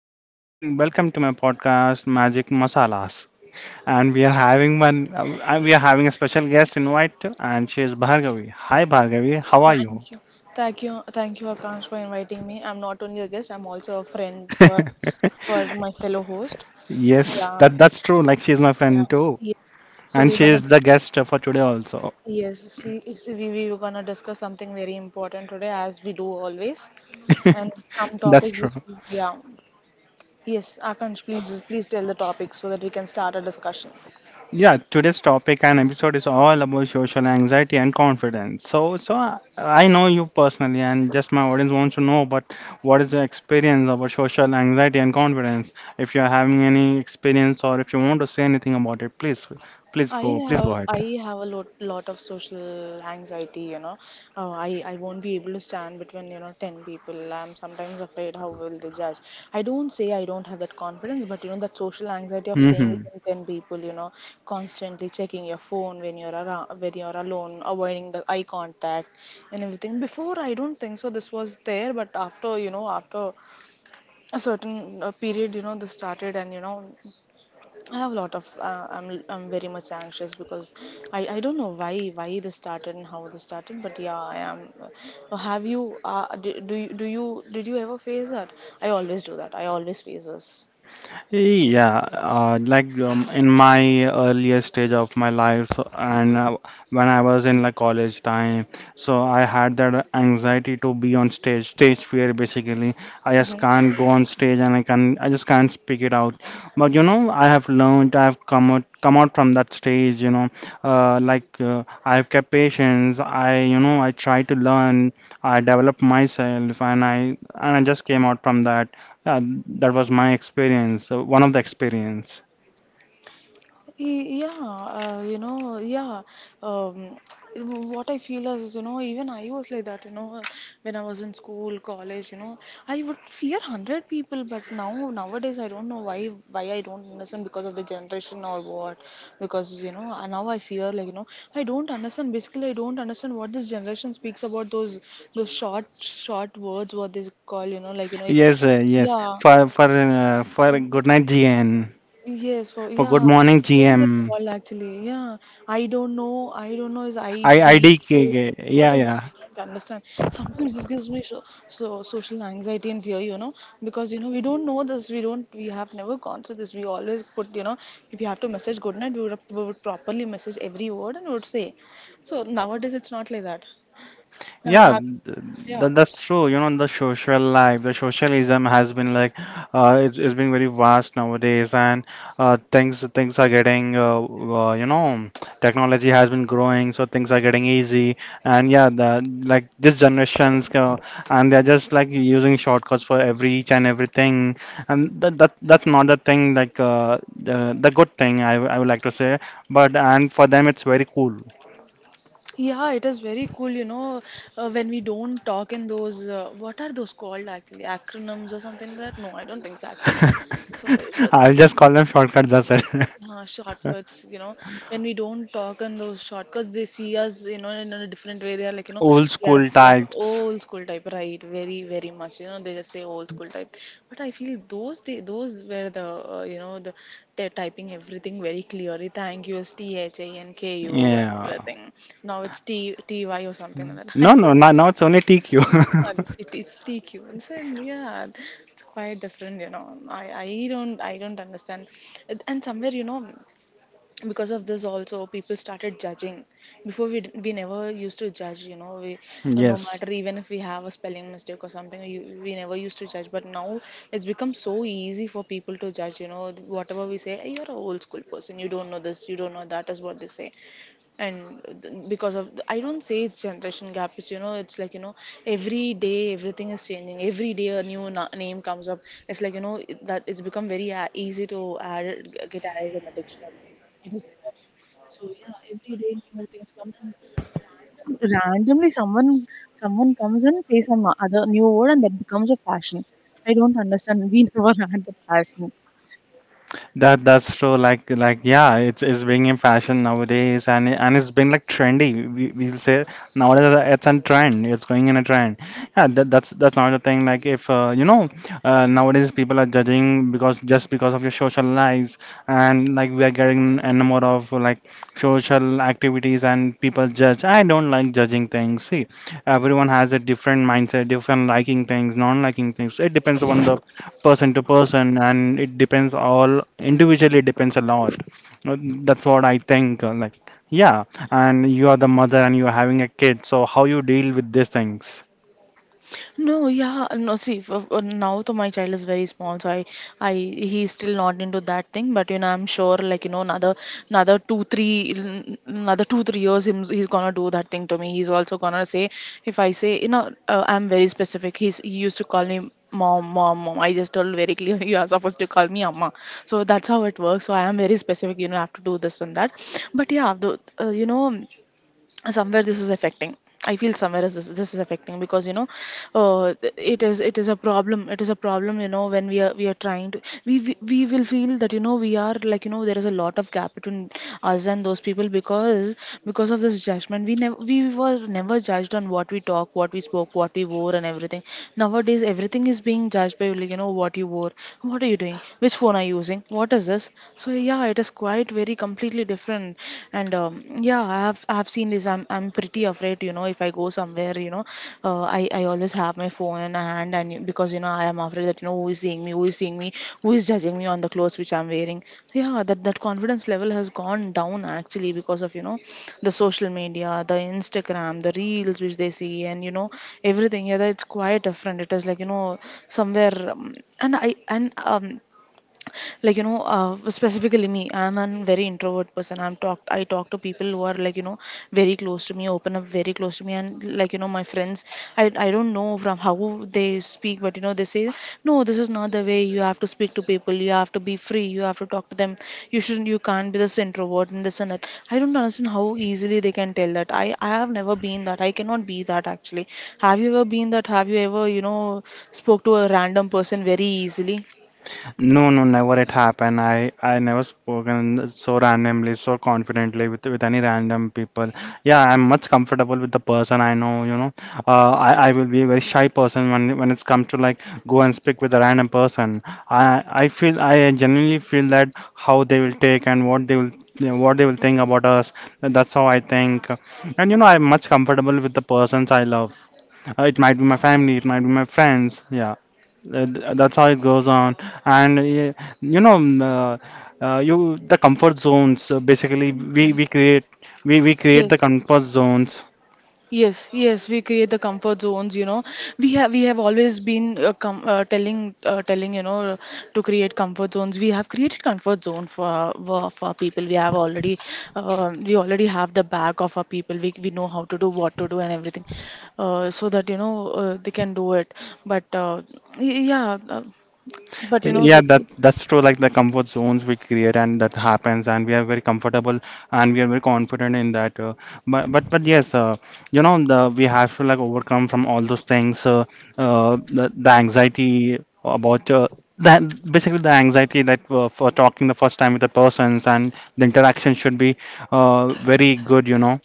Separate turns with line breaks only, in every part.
my p- coming welcome to my podcast Magic Masalas. And we are having one we are having a special guest invite too, and she is Bhargavi. Hi Bhargavi, how are you? Yes, that's true. Like she is my friend too. And she is the guest for today also. That's true. Yeah, today's topic and episode is all about social anxiety and confidence. So I know you personally, and just my audience wants to know, but what is your experience about social anxiety and confidence? If you are having any experience, or if you want to say anything about it, please, please go ahead. Hmm. Yeah, in my earlier stage of my life, so, and when I was in like college time, so I had that anxiety to be on stage, stage fear basically. I just can't go on stage and I just can't speak it out. But you know, I have come out from that stage. You know, I have kept patience. I try to learn. I developed myself, and I just came out from that uh, that was my experience, one of the experience. Yes, yes. For good night GN, for good morning GM, I D K. Yeah, yeah. Yeah, th- that's true. You know, the social life, the socialism has been it's been very vast nowadays, and things are you know, technology has been growing, so things are getting easy. And yeah, the like this generations, and they're just like using shortcuts for every each and everything, and that's not the thing, like the good thing I would like to say, but and for them it's very cool. I'll just call them shortcuts. That's it. Old school types. Yeah. No, no, no, now it's only TQ. Yes. That's true. Yeah, it's being in fashion nowadays, and it's been like trendy. We'll say nowadays it's a trend. It's going in a trend. Yeah, that's another thing. Like if you know, nowadays people are judging because just because of your social lives, and like we are getting a number of like social activities, and people judge. I don't like judging things. See, everyone has a different mindset, different liking things, non liking things. It depends upon the person to person and it depends all individually, it depends a lot. Uh, that's what I think, yeah. And you are the mother and you are having a kid, so how you deal with these things? No, no, never it happened. I never spoken so randomly, so confidently with any random people. Yeah, I'm much comfortable with the person I know, you know. I will be a very shy person when it's come to like go and speak with a random person. I feel, I genuinely feel that how they will take and what they will think about us. That's how I think. And you know, I'm much comfortable with the persons I love. It might be my family, it might be my friends. Yeah, that's how it goes on. And you know, mm, you the comfort zones. Basically, we create, we create the comfort zones. Yeah, that's true. Like the comfort zones we create, and that happens, and we are very comfortable, and we are very confident in that. But yes, you know, the we have to like overcome from all those things. The anxiety about that basically, the anxiety that for talking the first time with the persons, and the interaction should be very good. You know.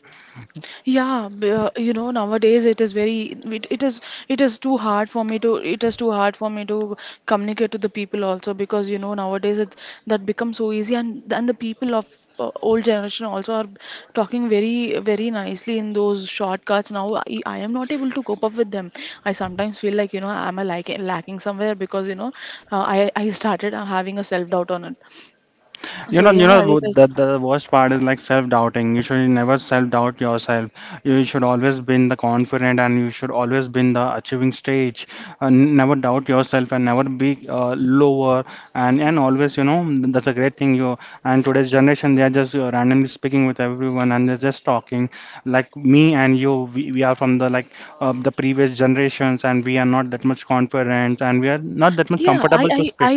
The worst part is like self-doubting. You should never self-doubt yourself. You should always be in the confident, and you should always be in the achieving stage. And never doubt yourself, and never be lower. And always, you know, that's a great thing. You and today's generation, they are just randomly speaking with everyone, and they're just talking. Like me and you, we are from the the previous generations, and we are not that much confident, and we are not that much comfortable to speak.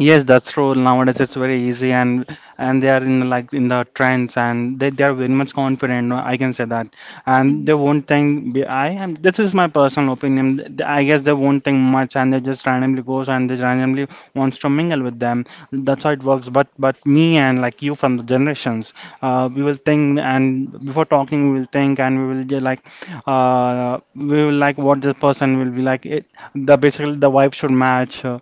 Yes, that's true. Nowadays, it's very easy, and they are in like in the trends, and they are very much confident. No, I can say that, and they won't think. I am. This is my personal opinion. I guess they won't think much, and they just randomly goes and they randomly wants to mingle with them. That's how it works. But me and like you from the generations, we will think, and before talking, we will think, and we will just we will like what this person will be like. It, the basically, the vibe should match. Uh,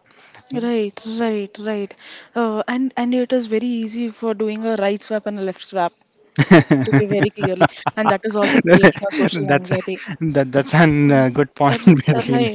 that's that's an good point, basically.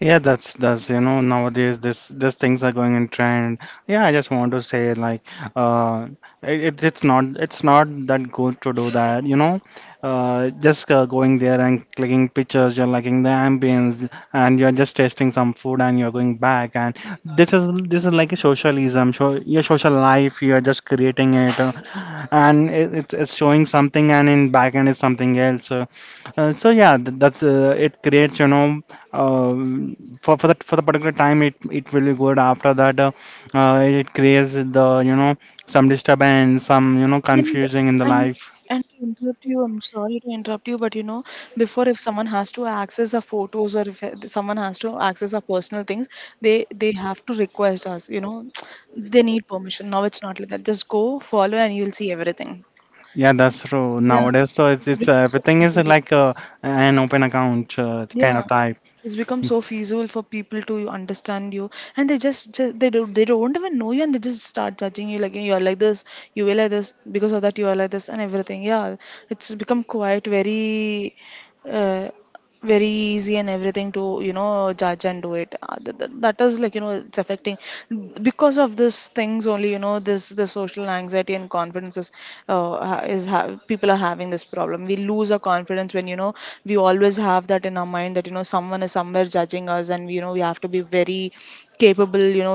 Yeah, that's, you know, nowadays this things are going in trend. Yeah, I just want to say like uh it's not that good to do that, you know. Just going there and clicking pictures, you're liking the ambience, and you're just tasting some food, and you're going back. And this is like a socialism. So your social life, you're just creating it. It's showing something and in backend is something else, so yeah, that's it creates, you know, um for that, for the particular time it will be good. After that, it creates the, you know, some disturbance, some, you know, confusing in the life. Yeah, that's true nowadays. It's everything is like an open account, kind of type.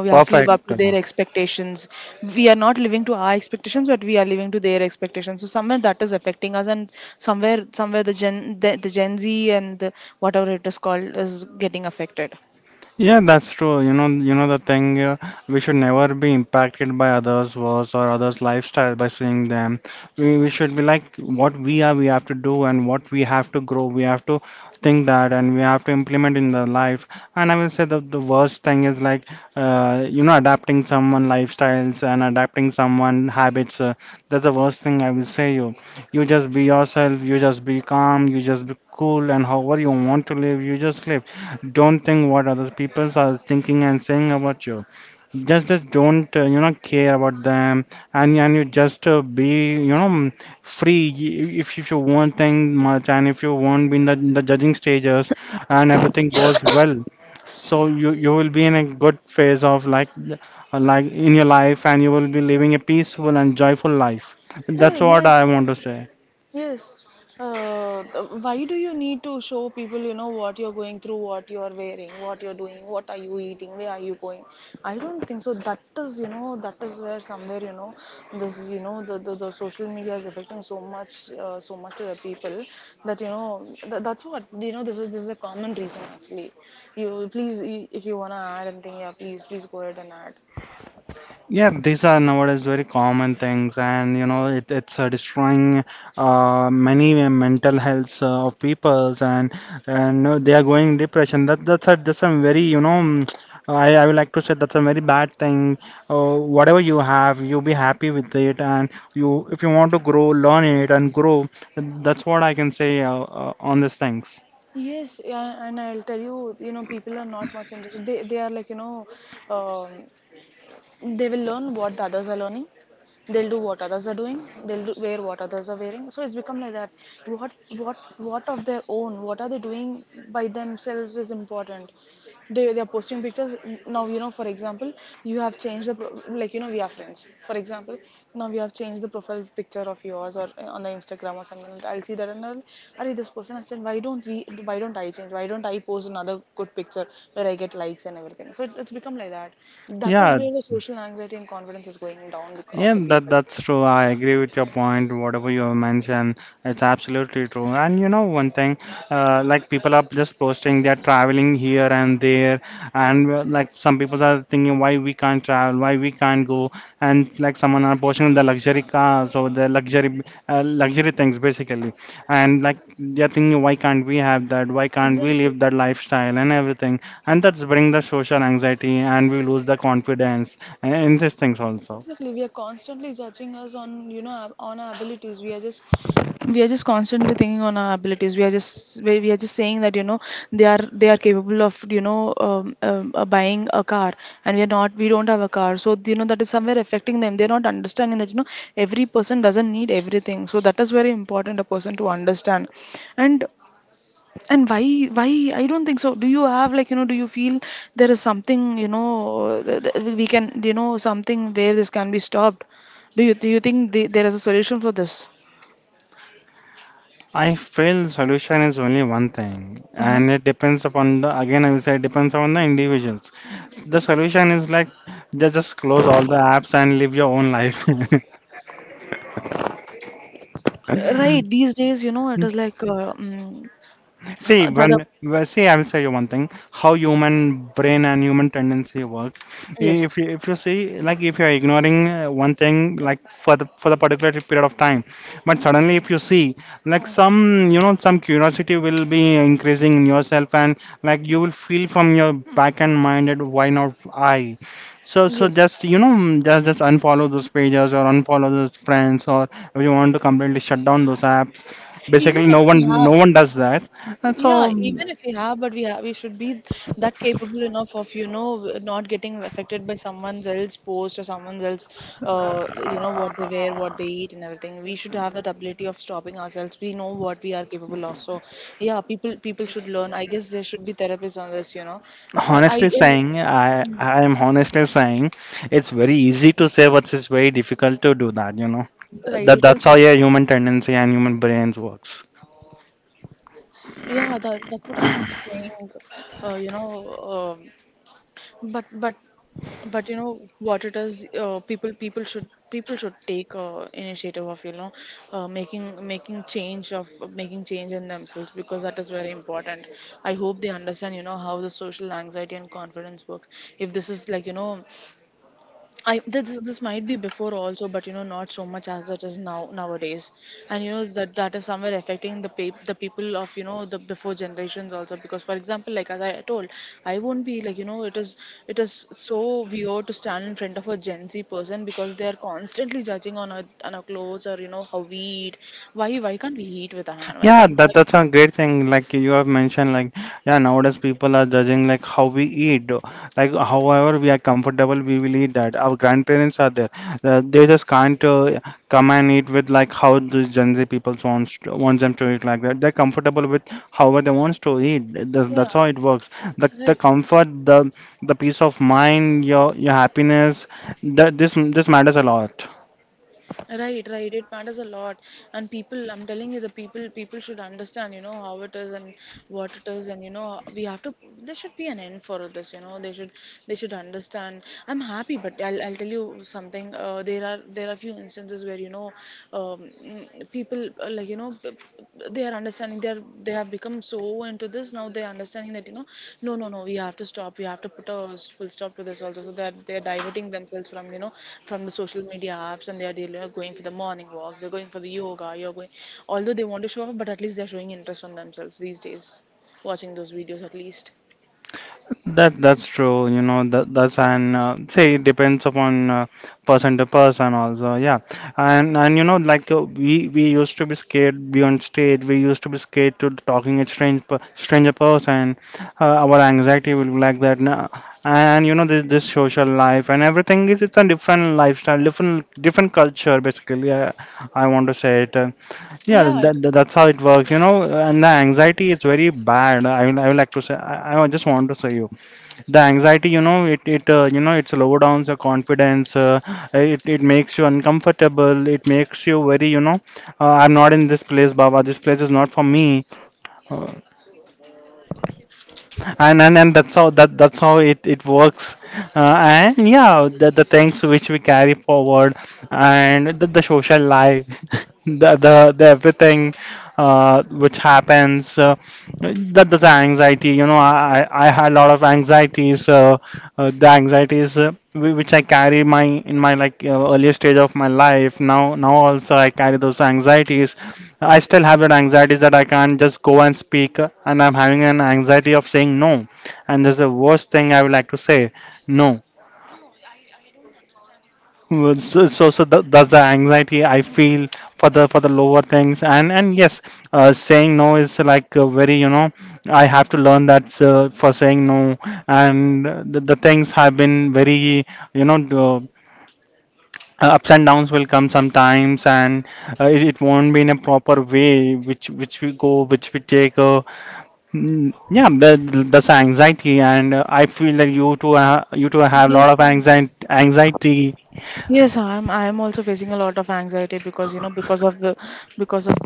Perfect. Yeah, that's true. You know the thing, we should never be impacted by others' words or others' lifestyle by seeing them. We should be like what we are, we have to do, and what we have to grow. We have to think that, and we have to implement in the life. And I will say that the worst thing is like, you know, adapting someone lifestyles and adapting someone habits. That's the worst thing I will say. You just be yourself. You just be calm. You just be cool, and however you want to live, you just live. Don't think what other people are thinking and saying about you. Just don't, you know, care about them, and you just be, free. If you won't think much, and if you won't be in the judging stages, and everything goes well, so you will be in a good phase of like in your life, and you will be living a peaceful and joyful life. That's what I want to say. Yeah, these are nowadays very common things, and you know it's destroying many mental health of peoples, and they are going depression. That's a very, you know, I would like to say that's a very bad thing. Whatever you have, you be happy with it, and you if you want to grow, learn it and grow. That's what I can say on these things. Yeah. Yeah, that's true. I agree with your point. Whatever you have mentioned, it's absolutely true. And you know one thing, like people are just posting they're traveling here and there, and like some people are thinking why we can't travel, why we can't go, and like someone are posting the luxury cars or the luxury things basically, and like they're thinking why can't we have that, why can't we live that lifestyle and everything, and that's bring the social anxiety and we lose the confidence and in these things also. I feel solution is only one thing, and it depends upon the, again I will say, it depends upon the individuals. The solution is like just close all the apps and live your own life. See, when, well, see, I will say you one thing: how human brain and human tendency works. If you see, like, if you are ignoring one thing, like for the particular period of time, but suddenly if you see, like, some some curiosity will be increasing in yourself, and like you will feel from your back and mind that why not I? So just just unfollow those pages or unfollow those friends, or if you want to completely shut down those apps, basically no one does that. And so, honestly saying, I am honestly saying, it's very easy to say, but it's very difficult to do that. That's how your human tendency and human brains works. Yeah, that's a great thing. Like you have mentioned, like yeah, nowadays people are judging like how we eat. Like however we are comfortable, we will eat that. Our grandparents are there. They just can't come and eat with like how the Gen Z people wants them to eat like that. They're comfortable with however they wants to eat. That's how it works. The comfort, the peace of mind, your happiness. That this matters a lot. That's true, you know that that's and say it depends upon person to person also, yeah. And like, we used to be scared beyond stage. We used to be scared to talking a strange stranger person. Our anxiety will be like that. Now. And this social life and everything is it's a different lifestyle, different culture basically. I want to say it. Yeah, that's how it works. And the anxiety is very bad. I would like to say, I just want to say you. The anxiety, it it slow down the confidence. It makes you uncomfortable. It makes you very, I'm not in this place, Baba. This place is not for me. Uh, and that's how that's how it works uh, and yeah, the things which we carry forward, and the social life the everything which happens. That the anxiety, I had a lot of anxieties. Uh, The anxieties, which I carry my in my like earlier stage of my life, now also I carry those anxieties. I still have that anxiety that I can't just go and speak, and I'm having an anxiety of saying no. And that's the worst thing I would like to say, no. Well, so that's the anxiety I feel for the lower things. And yes, saying no is like very, I have to learn that for saying no. And the things have been very, you know, uh, ups and downs will come sometimes, and it won't be in a proper way, which we go, which we take. Mm. Yeah, that's anxiety, and I feel that you two have a lot
Yes,
of
mm.
anxiety. Anxiety.
Yes, I'm also facing a lot of anxiety because you know, because of the, because of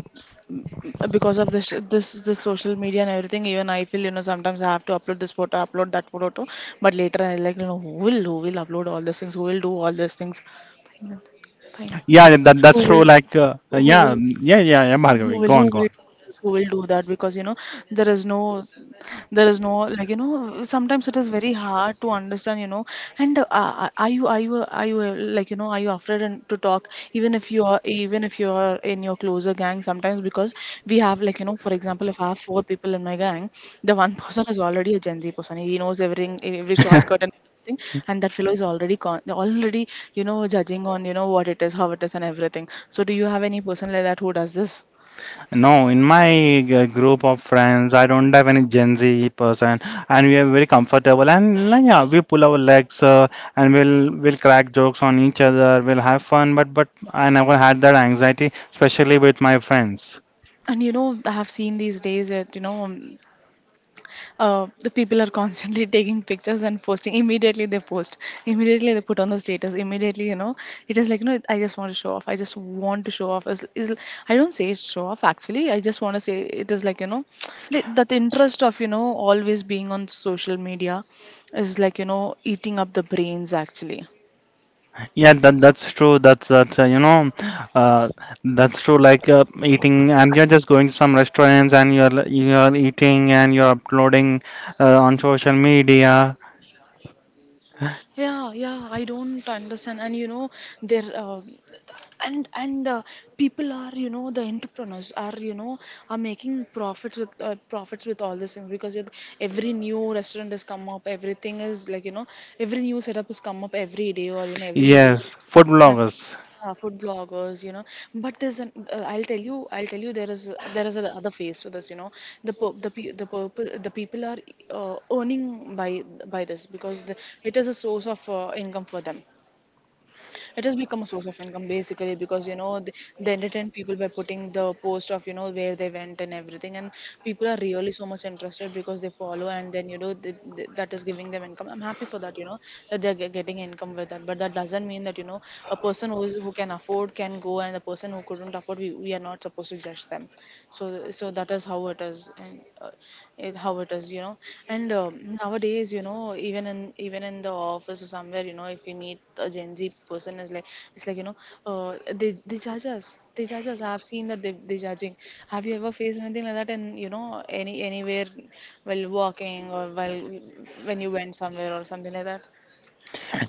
because of this social media and everything. Even I feel, you know, sometimes I have to upload this photo, upload that photo, too. But later I, like, you know, who will upload all these things, who will do all these things. Fine,
Yeah, that's
who
true.
will
Like,
who
yeah,
will
yeah, yeah, yeah,
who
Bhargavi,
will
go
who
on, go
will
on.
who will do that because, you know, there is no there is no, like, you know, sometimes it is very hard to understand, you know. And are you like, you know, are you afraid to talk, even if you are, in your closer gang sometimes? Because we have, like, you know, for example, if I have four people in my gang, the one person is already a Gen Z person, he knows everything, every shortcut and everything, and that fellow is already already, you know, judging on, you know, what it is, how it is and everything. So do you have any person like that who does this?
No, in my group of friends, I don't have any Gen Z person, and we are very comfortable. And like, yeah, we pull our legs, and we'll crack jokes on each other. We'll have fun, but I never had that anxiety, especially with my friends.
And you know, I have seen these days that, you know, the people are constantly taking pictures and posting, immediately they post, immediately they put on the status, immediately, you know, it is like, you know, I just want to show off, I just want to show off is I don't say it's show off actually, I just want to say it is, like, you know, that interest of, you know, always being on social media is, like, you know, eating up the brains actually.
Yeah, that's true. That's uh, that's true. Like eating, and you're just going to some restaurants, and you're you're eating, and you're uploading on social media.
Yeah, yeah, I don't understand. And you know, there and people are, you know, the entrepreneurs are, you know, are making profits with all these things because it, every new restaurant has come up, everything is, like, you know, every new setup has come up every day, or you know, every week.
Yes, food
Yeah,
bloggers.
yeah, food bloggers, you know. But there's an I'll tell you, there is, there is another phase to this, you know. The people the people are earning by this because the, it is a source of income for them, it has become a source of income basically, because you know, they entertain people by putting the post of, you know, where they went and everything. And people are really so much interested because they follow, and then you know, that is giving them income. I'm happy for that, you know, that they're getting income with that. But that doesn't mean that, you know, a person who is, who can afford can go, and the person who couldn't afford, we are not supposed to judge them. So so that is how it is. And it, how it is, you know. And nowadays you know, even in, the office or somewhere, you know, if we meet a Gen Z person, is like, it's like, you know, they judge us, they judge us, I've seen that, they judging. Have you ever faced anything like that? And you know, anywhere, while walking, or while when you went somewhere or something like that?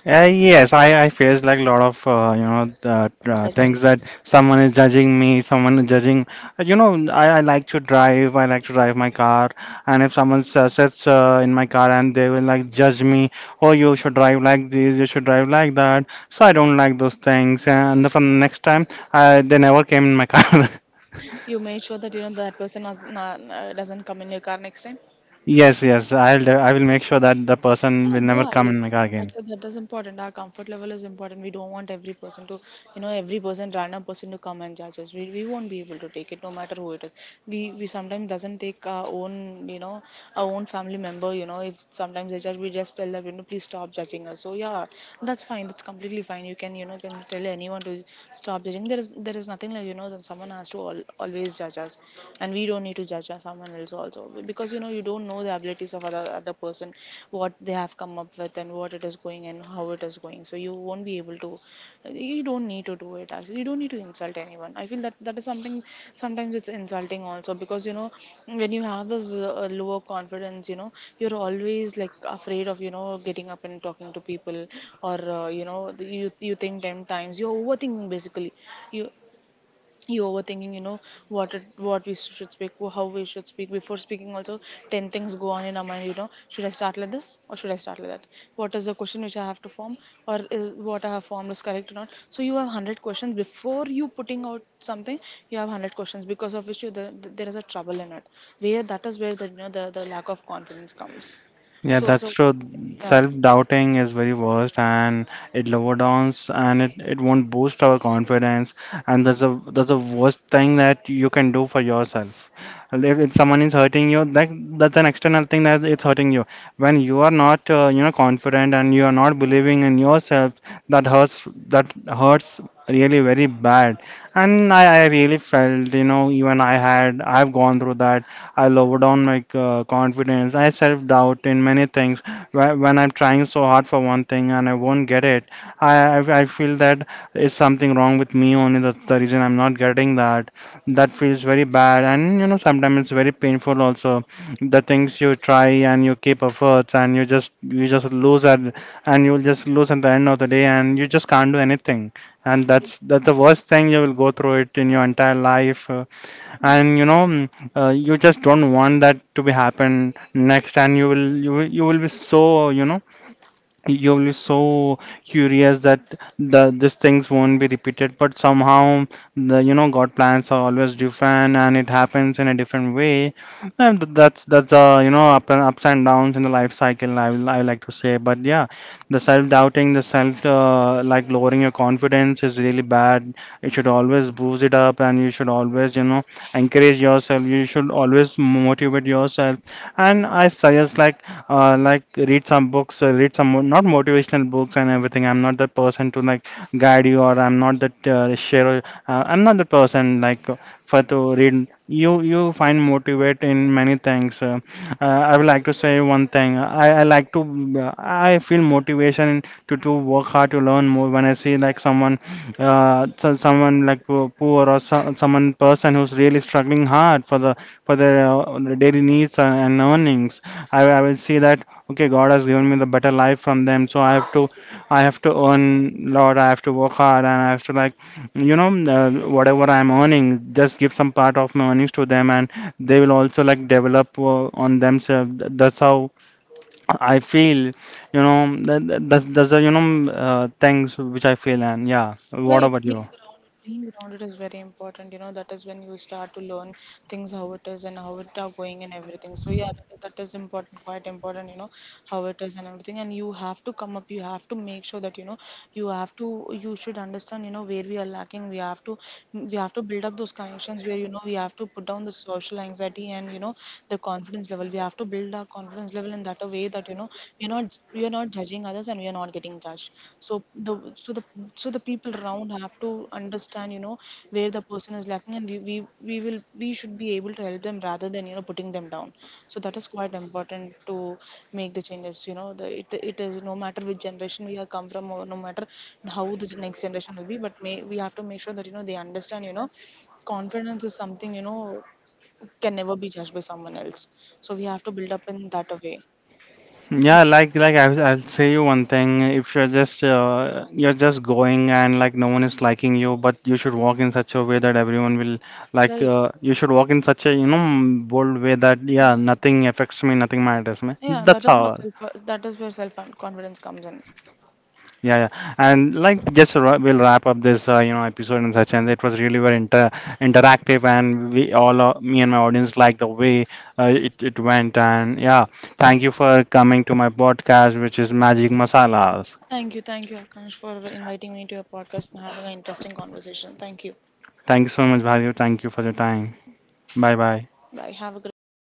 Yes, I face like a lot of the, things
Judgments.
that someone is judging me, someone is judging. You know, I like to drive my car, and if someone sits in my car, and they will like judge me, oh, you should drive like this, you should drive like that. So I don't like those things, and the next time, they never came in my car.
You made sure that, you know, that person has not, doesn't come in your car next time.
Yes, yes, I will make sure that the person
Yeah,
will never come
yeah,
in my car again.
that, that is important. Our comfort level is important. We don't want every person to, you know, every person, random person, to come and judge us. We won't be able to take it, no matter who it is. We sometimes doesn't take our own, you know, our own family member. You know, if sometimes they judge, we just tell them, you know, please stop judging us. So yeah, that's fine. That's completely fine. You can, you know, can tell anyone to stop judging. There is, there is nothing like, you know, then someone has to al always judge us, and we don't need to judge us someone else also. Because you know, you don't know the abilities of other person, what they have come up with and what it is going and how it is going. So you won't be able to, you don't need to do it actually. You don't need to insult anyone. I feel that that is something, sometimes it's insulting also. Because you know, when you have this lower confidence, you know, you're always, like, afraid of, you know, getting up and talking to people, or you know, you think 10 times, you're overthinking basically. you you overthinking, you know, what we should speak, how we should speak before speaking also. 10 things go on in our mind, you know, should I start like this, or should I start like that? What is the question which I have to form, or is what I have formed is correct or not? So you have 100 questions before you putting out something. You have 100 questions, because of which you there is a trouble in it, where that is where the, you know, the lack of confidence comes.
Yeah,
So
that's
so
true.
yeah,
Self-doubting is very worst, and it lower downs, and it won't boost our confidence, and that's the worst thing that you can do for yourself. And if someone is hurting you, that's an external thing that it's hurting you. When you are not confident, and you are not believing in yourself, that hurts really very bad. And I really felt, even I've gone through that. I lower down my confidence. I self doubt in many things. When I'm trying so hard for one thing and I won't get it, I feel that is something wrong with me only. That's the reason I'm not getting that. That feels very bad, and sometimes it's very painful also. The things you try, and you keep efforts, and you just lose at you'll just lose at the end of the day, and you just can't do anything. And that's the worst thing you will go through it in your entire life, and you just don't want that to be happen next. And you will be so, you're really so curious that these things won't be repeated, but somehow the you know God plans are always different, and it happens in a different way. And that's up and ups and downs in the life cycle, I would like to say, but yeah, the self-doubting, the self like lowering your confidence is really bad. You should always boost it up, and you should always, encourage yourself. You should always motivate yourself. And I suggest, like, like, read some books, read some not motivational books and everything. I'm not the person to like guide you, or I'm not that share. I'm not the person like for to read. You find motivate in many things. I would like to say one thing. I like to I feel motivation to work hard, to learn more, when I see like someone, so, someone like poor or so, someone person who's really struggling hard for their daily needs and earnings. I will see that, okay, God has given me the better life from them, so I have to, earn lot. I have to work hard, and I have to, like, you know, whatever I'm earning, just give some part of my earnings to them, and they will also like develop on themselves. That's how I feel. That's the things which I feel, and yeah. What
right.
about you?
Being grounded is very important. You know, that is when you start to learn things, how it is and how it are going and everything. So yeah, that, that is important, quite important, you know, how it is and everything. And you have to come up. You have to make sure that, you know, you have to. You should understand, you know, where we are lacking. We have to build up those connections, where you know, we have to put down the social anxiety, and you know, the confidence level. We have to build our confidence level in that a way that, you know, you're not judging others, and we are not getting judged. so the so the so the people around have to understand, you know, where the person is lacking, and we should be able to help them, rather than, you know, putting them down. So that is quite important, to make the changes, you know, the it, it is, no matter which generation we have come from, or no matter how the next generation will be, but may we have to make sure that, you know, they understand, you know, confidence is something, you know, can never be judged by someone else. So we have to build up in that a way.
Yeah, like I'll say you one thing. If you're just going, and like, no one is liking you, but you should walk in such a way that everyone will like.
Right.
You should walk in such a bold way that yeah, nothing affects me, nothing matters me.
Yeah, that
That's
is
how.
what self that is where self confidence comes in.
Yeah, yeah. And like just we'll wrap up this episode and such, and it was really very interactive, and we all me and my audience liked the way it went, and yeah, thank you for coming to my podcast, which is Magic Masala.
Thank you, Akash, for inviting me to your podcast and having an interesting conversation. Thank you.
Thank you so much, Bhavya. Thank you for your time. Bye bye.
Bye. Have a great day.